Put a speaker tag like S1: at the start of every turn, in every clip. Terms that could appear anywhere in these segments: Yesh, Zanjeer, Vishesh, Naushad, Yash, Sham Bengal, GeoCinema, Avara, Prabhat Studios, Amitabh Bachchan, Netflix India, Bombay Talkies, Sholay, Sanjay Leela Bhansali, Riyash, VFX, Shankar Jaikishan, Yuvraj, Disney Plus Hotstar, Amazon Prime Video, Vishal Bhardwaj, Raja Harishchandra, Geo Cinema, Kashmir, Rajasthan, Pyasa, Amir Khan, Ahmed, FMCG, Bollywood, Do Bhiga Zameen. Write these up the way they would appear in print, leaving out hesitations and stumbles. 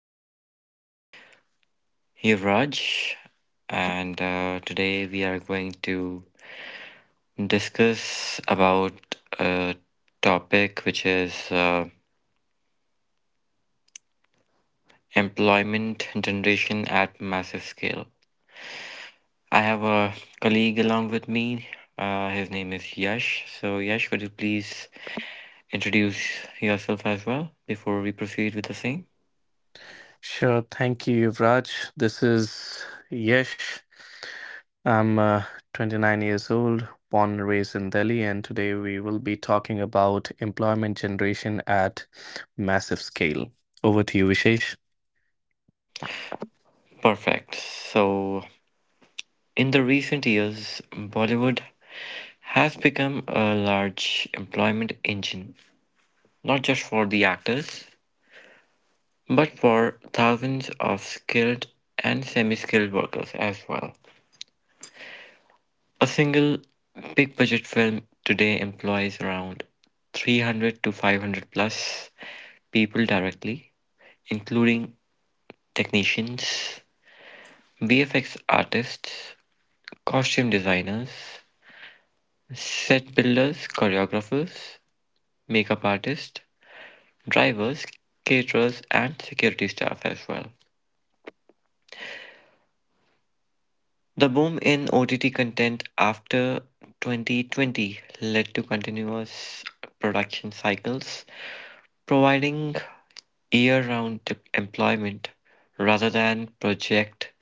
S1: is Yuvraj, and today we are going to discuss about a topic which is employment generation at massive scale. I have a colleague along with me. His name is Yash. So, Yash, could you please introduce yourself as well before we proceed with the same?
S2: Sure. Thank you, Yuvraj. This is Yesh. I'm 29 years old, born and raised in Delhi, and today we will be talking about employment generation at massive scale. Over to you, Vishesh.
S1: Perfect. So, in the recent years, Bollywood has become a large employment engine, not just for the actors, but for thousands of skilled and semi skilled workers as well. A single big budget film today employs around 300 to 500 plus people directly, including technicians, VFX artists, costume designers, set builders, choreographers, makeup artists, drivers, caterers, and security staff as well. The boom in OTT content after 2020 led to continuous production cycles, providing year round employment rather than project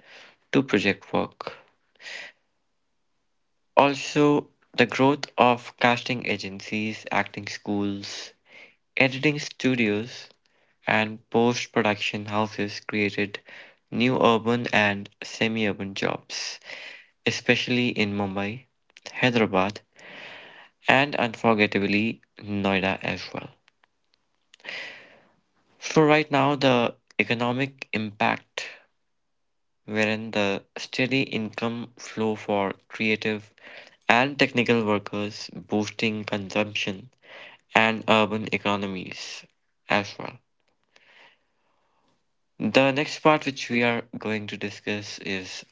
S1: to project work. Also, the growth of casting agencies, acting schools, editing studios, and post production houses created new urban and semi urban jobs, especially in Mumbai, Hyderabad, and unforgettably Noida as well. So, right now, the economic impact wherein the steady income flow for creative and technical workers boosting consumption and urban economies as well. The next part, which we are going to discuss, is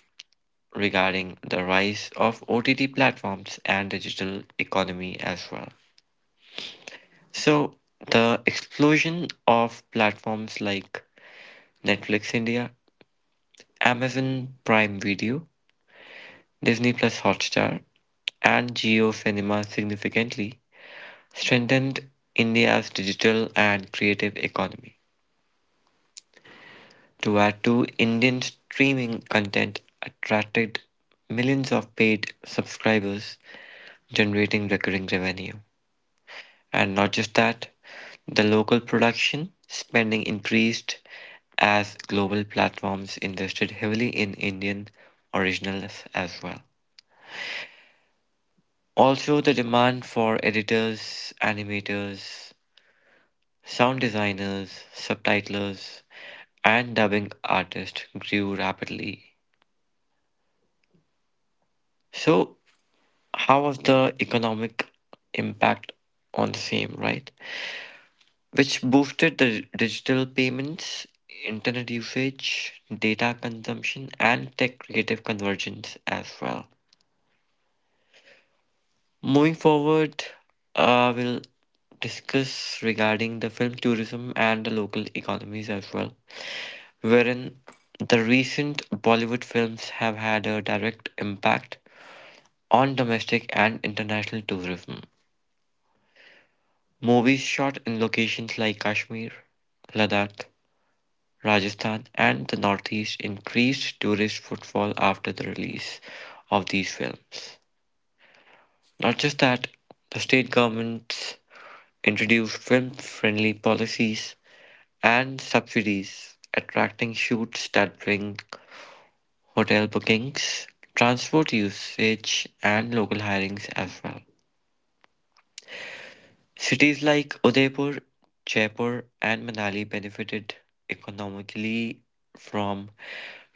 S1: regarding the rise of OTT platforms and digital economy as well. So, the explosion of platforms like Netflix India, Amazon Prime Video, Disney Plus Hotstar, and Geo Cinema significantly strengthened India's digital and creative economy. To add to Indian streaming content attracted millions of paid subscribers, generating recurring revenue. And not just that, the local production spending increased as global platforms invested heavily in Indian originals as well. Also, the demand for editors, animators, sound designers, subtitlers, and dubbing artists grew rapidly. So, how was the economic impact on the same, right? Which boosted the digital payments, internet usage, data consumption, and tech creative convergence as well. Moving forward, we'll discuss regarding the film tourism and the local economies as well, wherein the recent Bollywood films have had a direct impact on domestic and international tourism. Movies shot in locations like Kashmir, Ladakh, Rajasthan and the Northeast increased tourist footfall after the release of these films. Not just that, the state governments introduced film-friendly policies and subsidies, attracting shoots that bring hotel bookings, transport usage, and local hirings as well. Cities like Udaipur, Jaipur, and Manali benefited economically from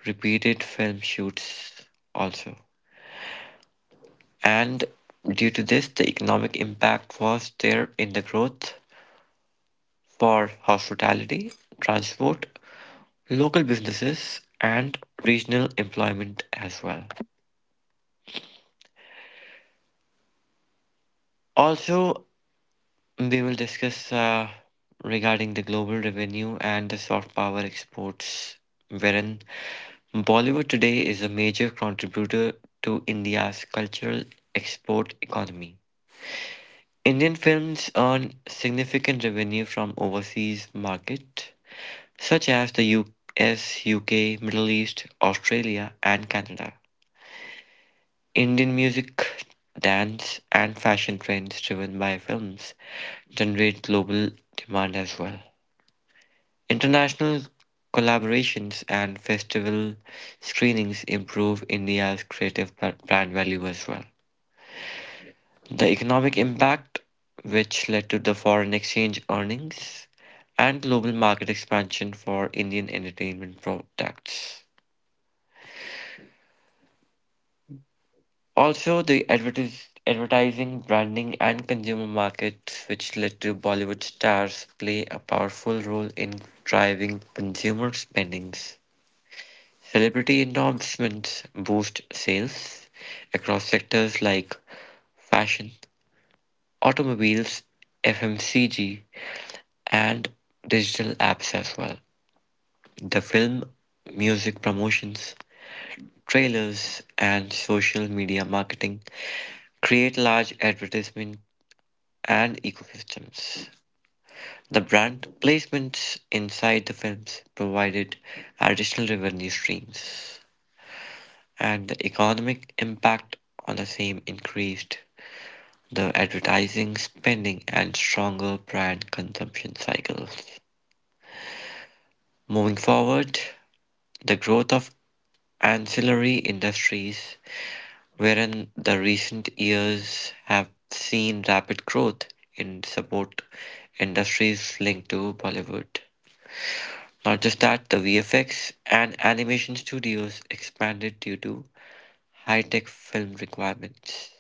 S1: repeated film shoots also. And due to this, the economic impact was there in the growth for hospitality, transport, local businesses, and regional employment as well. Also, we will discuss regarding the global revenue and the soft power exports, wherein Bollywood today is a major contributor to India's cultural export economy. Indian films earn significant revenue from overseas markets such as the US, UK, Middle East, Australia, and Canada. Indian music, dance, and fashion trends driven by films generate global demand as well. International collaborations and festival screenings improve India's creative brand value as well. The economic impact, which led to the foreign exchange earnings and global market expansion for Indian entertainment products. Also, the advertising, branding, and consumer markets, which led to Bollywood stars play a powerful role in driving consumer spendings. Celebrity endorsements boost sales across sectors like fashion, automobiles, FMCG, and digital apps as well. The film, music promotions, trailers, and social media marketing create large advertisement and ecosystems. The brand placements inside the films provided additional revenue streams, and the economic impact on the same increased the advertising spending and stronger brand consumption cycles. Moving forward, the growth of ancillary industries, wherein the recent years have seen rapid growth in support industries linked to Bollywood. Not just that, the VFX and animation studios expanded due to high tech film requirements.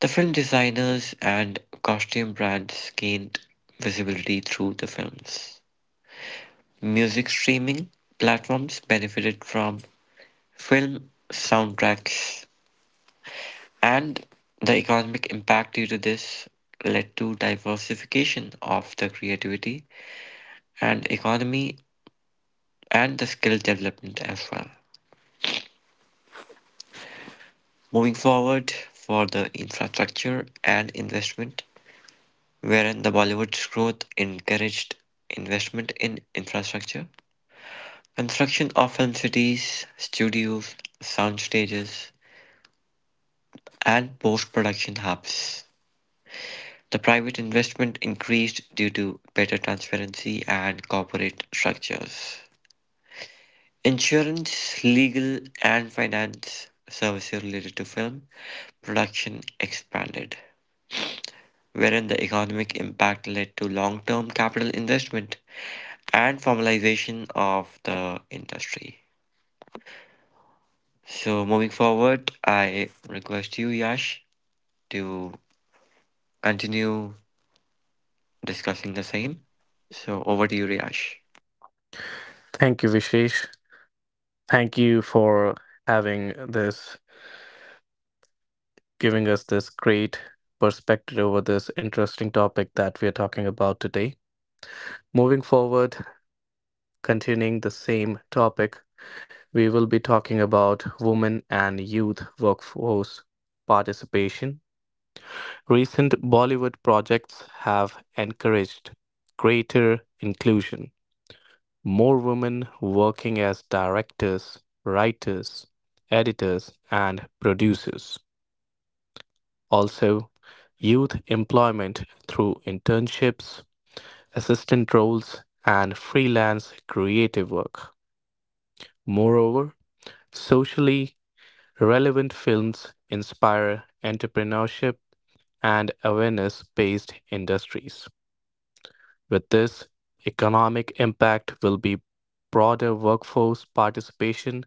S1: The film designers and costume brands gained visibility through the films. Music streaming platforms benefited from film soundtracks, and the economic impact due to this led to diversification of the creativity and economy and the skill development as well. Moving forward for the infrastructure and investment, wherein the Bollywood's growth encouraged investment in infrastructure construction often cities, studios, sound stages, and post-production hubs; the private investment increased due to better transparency and corporate structures. Insurance, legal, and finance services related to film production expanded, wherein the economic impact led to long-term capital investment and formalization of the industry. So, moving forward, I request you, Yash, to continue discussing the same. So over to you, Riyash.
S2: Thank you, Vishesh. Thank you for having this, giving us this great perspective over this interesting topic that we are talking about today. Moving forward, continuing the same topic, we will be talking about women and youth workforce participation. Recent Bollywood projects have encouraged greater inclusion, more women working as directors, writers, editors, and producers. Also, youth employment through internships, assistant roles, and freelance creative work. Moreover, socially relevant films inspire entrepreneurship and awareness based industries. With this, economic impact will be broader workforce participation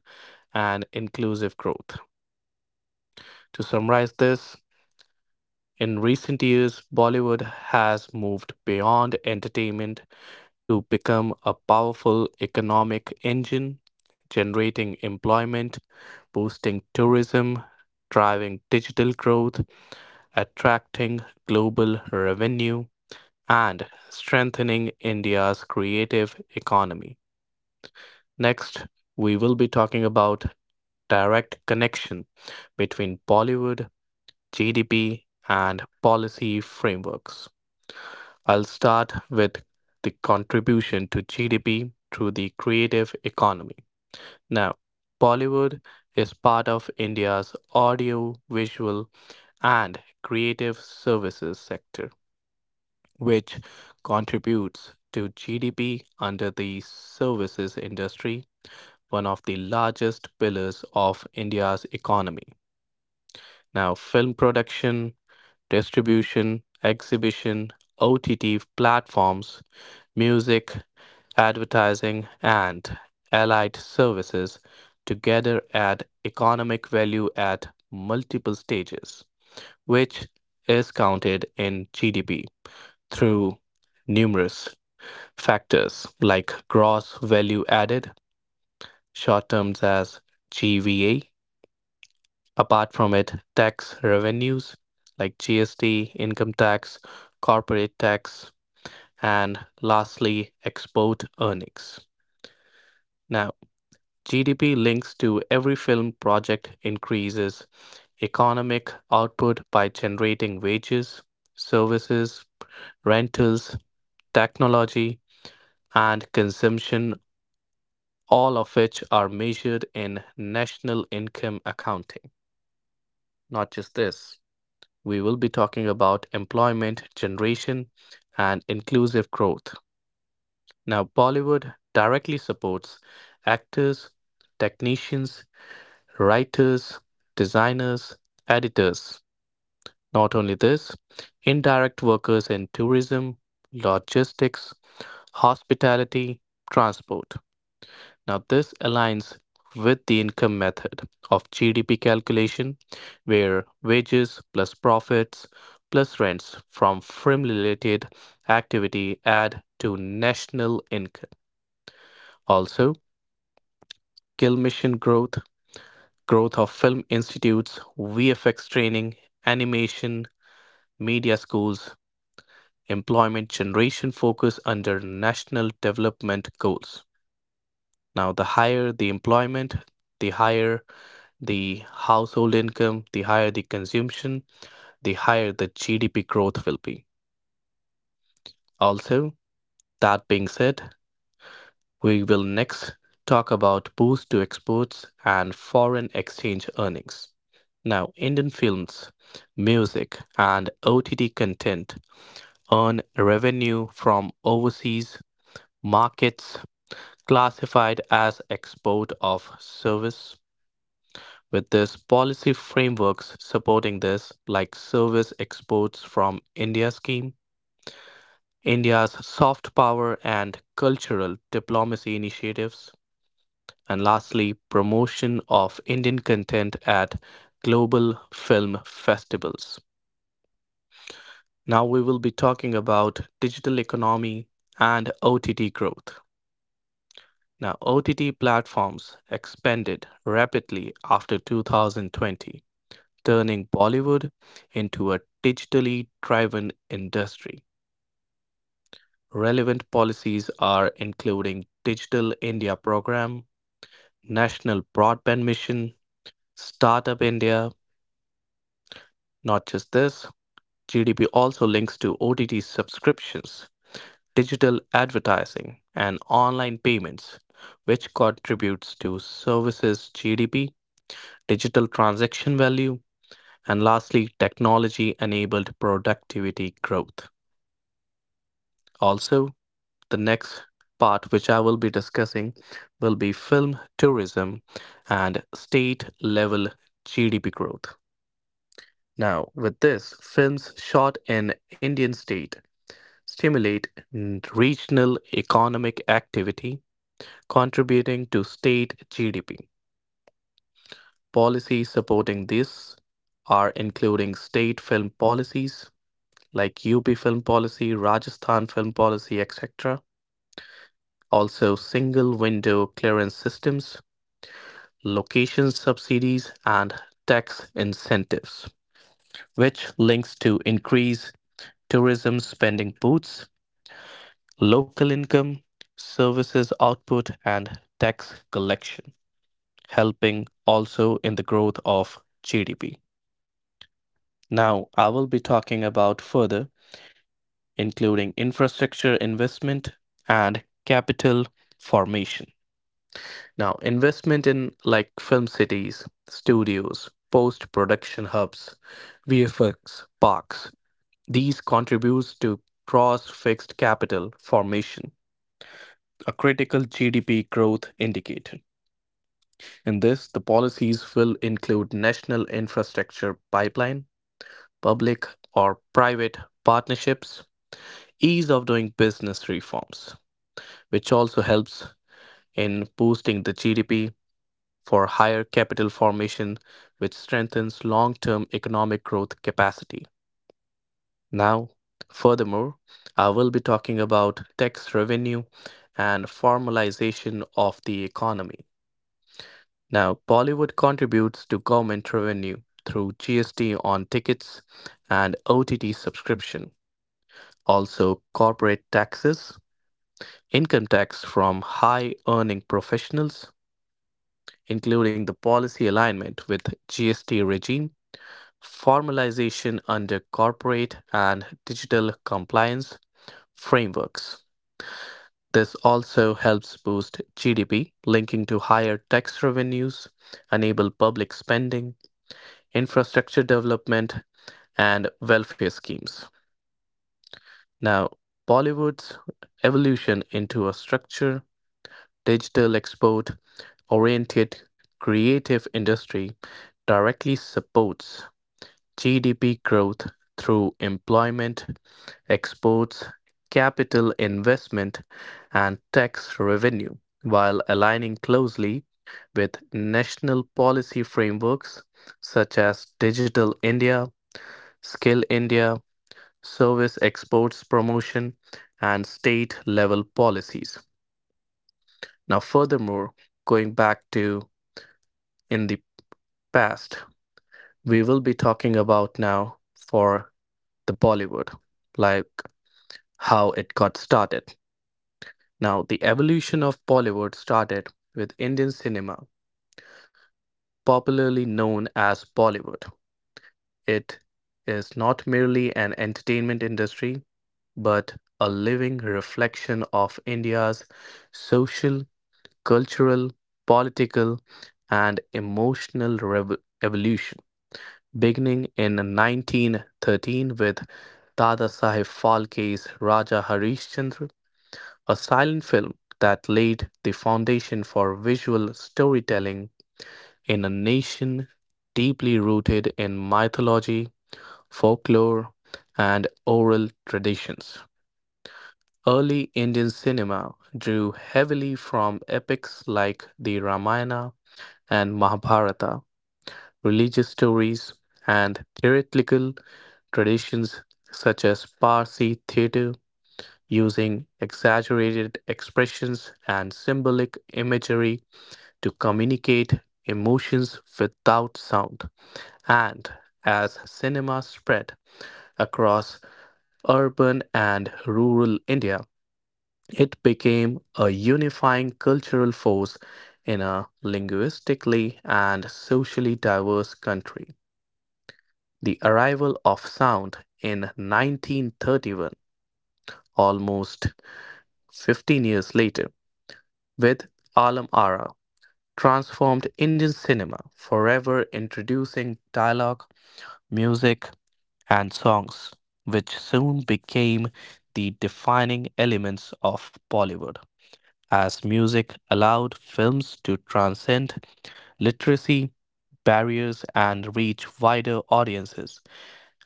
S2: and inclusive growth. To summarize this, in recent years, Bollywood has moved beyond entertainment to become a powerful economic engine, generating employment, boosting tourism, driving digital growth, attracting global revenue, and strengthening India's creative economy. Next, we will be talking about direct connection between Bollywood, GDP, and policy frameworks. I'll start with the contribution to GDP through the creative economy. Now, Bollywood is part of India's audio, visual, and creative services sector which contributes to GDP under the services industry, one of the largest pillars of India's economy. Now, film production, distribution, exhibition, OTT platforms, music, advertising, and allied services together add economic value at multiple stages, which is counted in GDP through numerous factors like gross value added, short terms as GVA. Apart from it, tax revenues like GST, income tax, corporate tax, and lastly, export earnings. Now, GDP links to every film project increases economic output by generating wages, services, rentals, technology, and consumption all of which are measured in national income accounting. Not just this, we will be talking about employment generation and inclusive growth. Now, Bollywood directly supports actors, technicians, writers, designers, editors. Not only this, indirect workers in tourism, logistics, hospitality, transport. Now, this aligns with the income method of GDP calculation, where wages plus profits plus rents from firm related activity add to national income. Also, Gill Mission growth, growth of film institutes, VFX training, animation, media schools, employment generation focus under national development goals. Now, the higher the employment, the higher the household income, the higher the consumption, the higher the GDP growth will be. Also, that being said, we will next talk about boost to exports and foreign exchange earnings. Now, Indian films, music, and OTT content earn revenue from overseas markets classified as export of service. With this policy frameworks supporting this, like service exports from India scheme, India's soft power and cultural diplomacy initiatives, and lastly, promotion of Indian content at global film festivals. Now we will be talking about digital economy and OTT growth. Now, OTT platforms expanded rapidly after 2020 turning Bollywood into a digitally driven industry. Relevant policies are including Digital India Program, National Broadband Mission, Startup India. Not just this, GDP also links to OTT subscriptions, digital advertising, and online payments, which contributes to services GDP, digital transaction value, and lastly, technology enabled productivity growth. Also, the next part, which I will be discussing, will be film tourism and state level GDP growth. Now, with this, films shot in Indian state stimulate regional economic activity, contributing to state GDP. Policies supporting this are including state film policies like UP film policy, Rajasthan film policy, etc. Also, single window clearance systems, location subsidies, and tax incentives, which links to increase tourism spending boosts, local income, services output, and tax collection, helping also in the growth of GDP. Now, I will be talking about further, including infrastructure investment and capital formation. Now, investment in like film cities, studios, post-production hubs, VFX, parks, these contributes to cross-fixed capital formation, a critical GDP growth indicator. In this, the policies will include national infrastructure pipeline, public or private partnerships, ease of doing business reforms, which also helps in boosting the GDP for higher capital formation, which strengthens long term economic growth capacity. Now, furthermore, I will be talking about tax revenue and formalization of the economy. Now, Bollywood contributes to government revenue through GST on tickets and OTT subscription, also corporate taxes, income tax from high earning professionals, including the policy alignment with GST regime formalization under corporate and digital compliance frameworks. This also helps boost GDP, linking to higher tax revenues, enable public spending, infrastructure development, and welfare schemes. Now, Bollywood's evolution into a structure, digital export oriented creative industry directly supports GDP growth through employment, exports, capital investment, and tax revenue, while aligning closely with national policy frameworks such as Digital India, Skill India, Service Exports Promotion, and state level policies. Now, furthermore, going back to in the past, we will be talking about now for the Bollywood, like how it got started. Now, the evolution of Bollywood started with Indian cinema, popularly known as Bollywood. It is not merely an entertainment industry, but a living reflection of India's social, cultural, political, and emotional evolution, beginning in 1913 with Dada Sahib Phalke's Raja Harishchandra, a silent film that laid the foundation for visual storytelling in a nation deeply rooted in mythology, folklore, and oral traditions. Early Indian cinema drew heavily from epics like the Ramayana and Mahabharata, religious stories, and theatrical traditions such as Parsi theater, using exaggerated expressions and symbolic imagery to communicate emotions without sound. And as cinema spread across urban and rural India, it became a unifying cultural force in a linguistically and socially diverse country. The arrival of sound in 1931, almost 15 years later, with Alam Ara transformed Indian cinema, forever introducing dialogue, music, and songs, which soon became the defining elements of Bollywood. As music allowed films to transcend literacy barriers and reach wider audiences,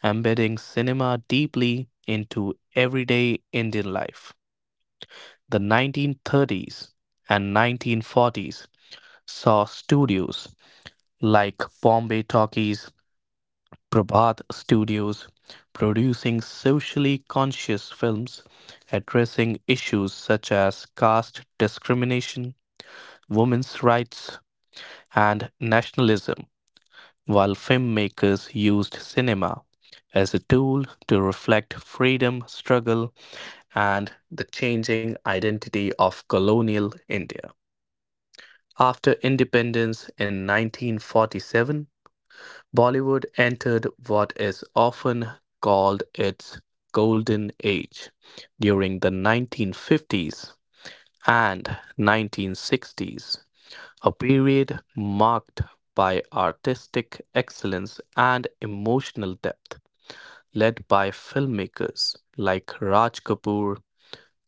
S2: embedding cinema deeply into everyday Indian life. The 1930s and 1940s saw studios like Bombay Talkies, Prabhat Studios producing socially conscious films addressing issues such as caste discrimination, women's rights, and nationalism, while filmmakers used cinema as a tool to reflect freedom struggle and the changing identity of colonial India. After independence in 1947, Bollywood entered what is often called its golden age during the 1950s and 1960s, a period marked by artistic excellence and emotional depth, led by filmmakers like Raj Kapoor,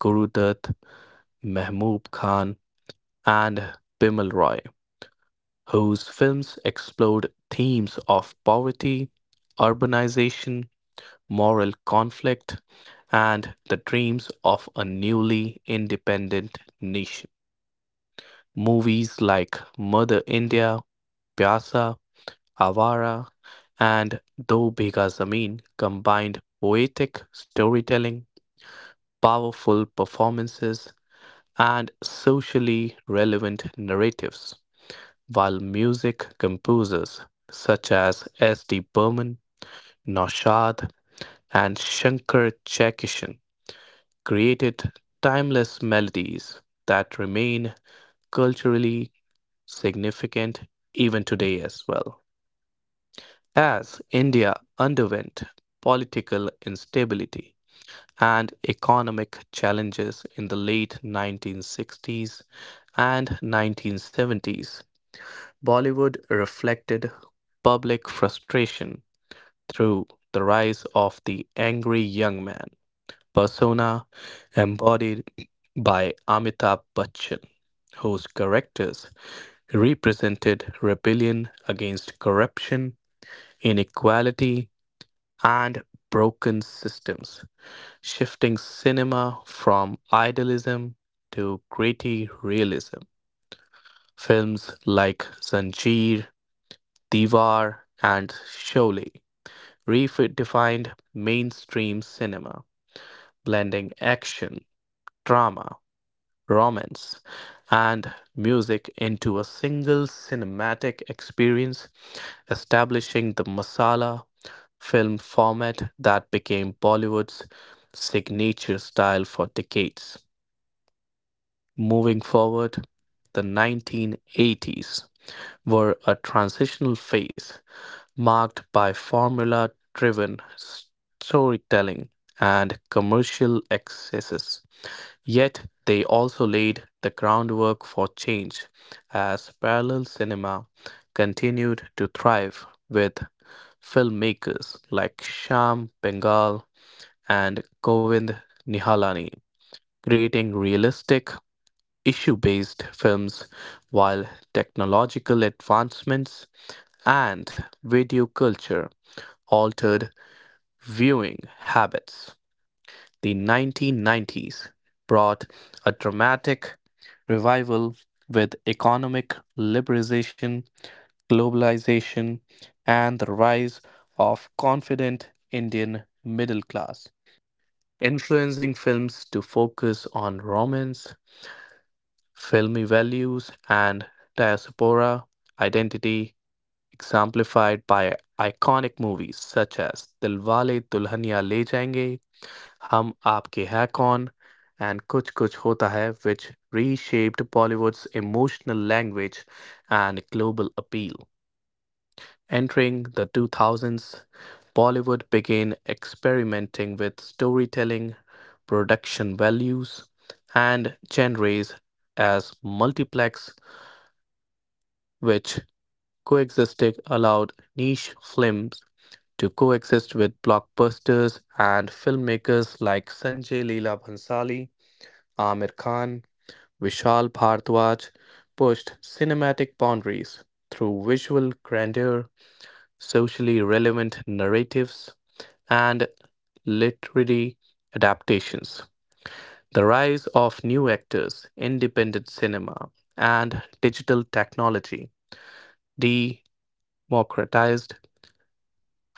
S2: Guru Dutt, Mahbub Khan, and Bimal Roy, whose films explored themes of poverty, urbanization, moral conflict, and the dreams of a newly independent nation. Movies like Mother India, Pyasa, Avara, and Do Bhiga Zameen combined poetic storytelling, powerful performances, and socially relevant narratives, while music composers such as S. D. Burman, Naushad, and Shankar Jaikishan created timeless melodies that remain culturally significant even today as well. As India underwent political instability and economic challenges in the late 1960s and 1970s, Bollywood reflected public frustration through the rise of the angry young man persona embodied by Amitabh Bachchan, whose characters represented rebellion against corruption, inequality, and broken systems, shifting cinema from idealism to gritty realism. Films like Zanjeer, Diwar, and Sholay redefined mainstream cinema, blending action, drama, romance, and music into a single cinematic experience, establishing the masala film format that became Bollywood's signature style for decades. Moving forward, the 1980s were a transitional phase marked by formula driven storytelling and commercial excesses. Yet they also laid the groundwork for change as parallel cinema continued to thrive with filmmakers like Sham Bengal and Govind Nihalani creating realistic issue-based films, while technological advancements and video culture altered viewing habits. The 1990s brought a dramatic revival with economic liberalization, globalization, and the rise of confident Indian middle class, influencing films to focus on romance, filmy values, and diaspora identity, exemplified by iconic movies such as Dilwale Dulhania Le Jayenge, हम आपके हैं कौन, and कुछ कुछ होता है, which reshaped Bollywood's emotional language and global appeal. Entering the 2000s, Bollywood began experimenting with storytelling, production values, and genres as multiplex, which coexisted allowed niche films to coexist with blockbusters, and filmmakers like Sanjay Leela Bhansali, Amir Khan, Vishal Bhardwaj pushed cinematic boundaries through visual grandeur, socially relevant narratives, and literary adaptations. The rise of new actors, independent cinema, and digital technology democratized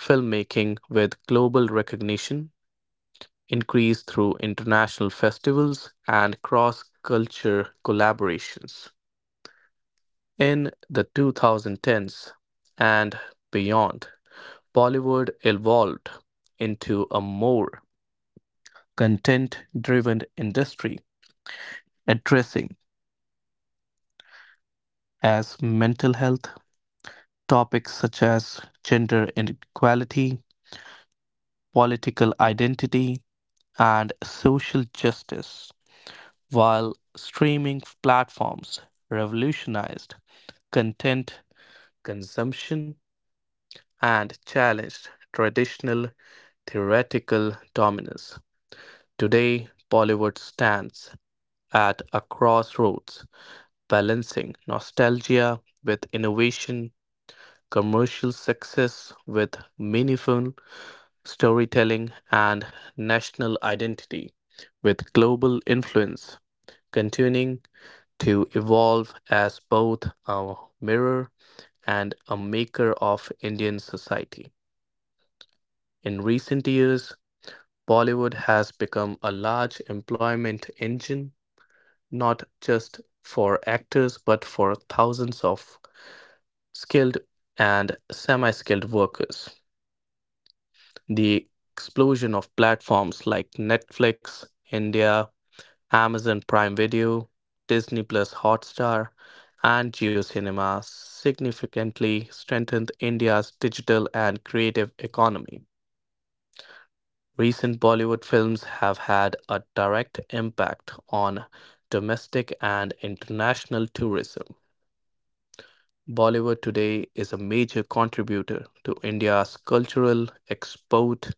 S2: filmmaking, with global recognition increased through international festivals and cross culture collaborations. In the 2010s and beyond, Bollywood evolved into a more content driven industry, addressing as mental health topics such as gender inequality, political identity, and social justice, while streaming platforms revolutionized content consumption and challenged traditional theoretical dominance. Today, Bollywood stands at a crossroads, balancing nostalgia with innovation, commercial success with meaningful storytelling, and national identity with global influence, continuing to evolve as both a mirror and a maker of Indian society. In recent years, Bollywood has become a large employment engine, not just for actors, but for thousands of skilled and semi skilled workers. The explosion of platforms like Netflix, India, Amazon Prime Video, Disney Plus Hotstar, and GeoCinema significantly strengthened India's digital and creative economy. Recent Bollywood films have had a direct impact on domestic and international tourism. Bollywood today is a major contributor to India's cultural export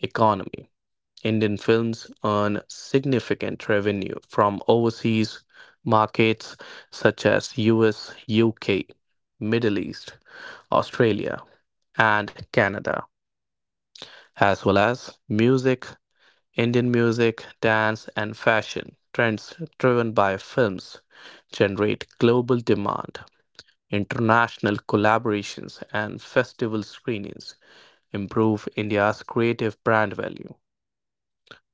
S2: economy. Indian films earn significant revenue from overseas markets such as US, UK, Middle East, Australia, and Canada, as well as music, Indian music, dance, and fashion trends driven by films generate global demand. International collaborations and festival screenings improve India's creative brand value.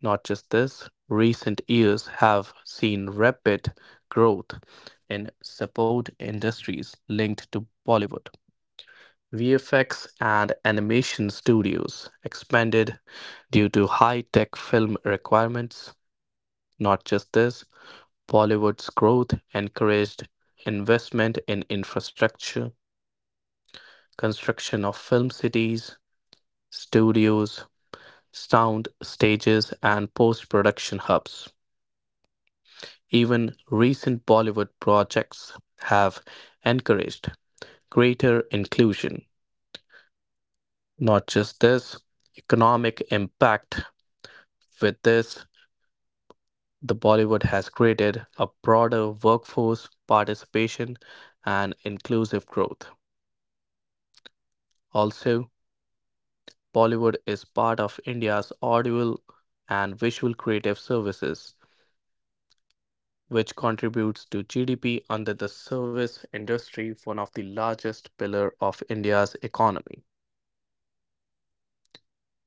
S2: Not just this, recent years have seen rapid growth in support industries linked to Bollywood. VFX and animation studios expanded due to high tech film requirements. Not just this, Bollywood's growth encouraged investment in infrastructure, construction of film cities, studios, sound stages, and post production hubs. Even recent Bollywood projects have encouraged greater inclusion. Not just this, economic impact. With this, the Bollywood has created a broader workforce participation and inclusive growth. Also, Bollywood is part of India's audiovisual and visual creative services, which contributes to GDP under the service industry, one of the largest pillar of India's economy.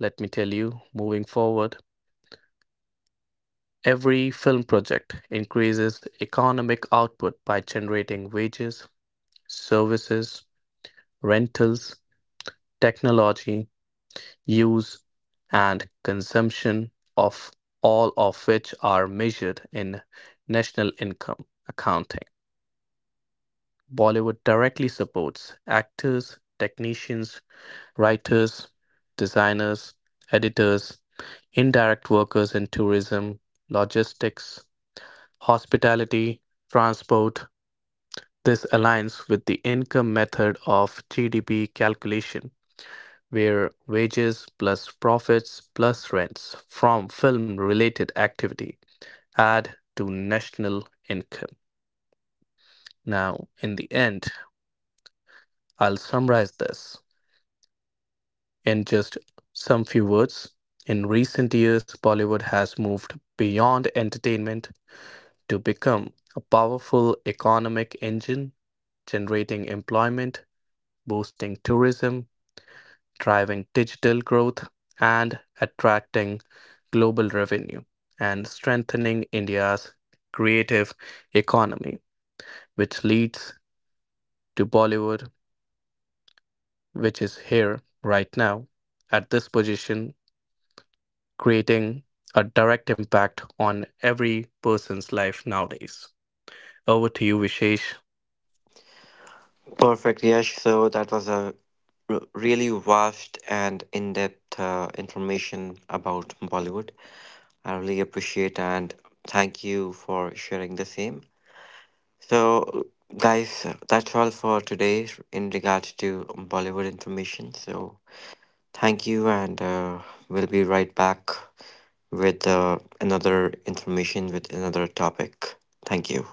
S2: Let me tell you, moving forward, every film project increases economic output by generating wages, services, rentals, technology, use, and consumption of all of which are measured in national income accounting. Bollywood directly supports actors, technicians, writers, designers, editors, indirect workers in tourism, logistics, hospitality, transport. This aligns with the income method of GDP calculation were wages plus profits plus rents from film related activity add to national income. Now, in the end, I'll summarize this in just some few words. In recent years, Bollywood has moved beyond entertainment to become a powerful economic engine, generating employment, boosting tourism, driving digital growth, and attracting global revenue, and strengthening India's creative economy, which leads to Bollywood, which is here right now at this position, creating a direct impact on every person's life nowadays. Over to you, Vishesh.
S1: Perfect, Yash. So that was a really vast and in-depth information about Bollywood. I really appreciate and thank you for sharing the same. So, guys, that's all for today in regards to Bollywood information. So thank you, and we'll be right back with another information with another topic. Thank you.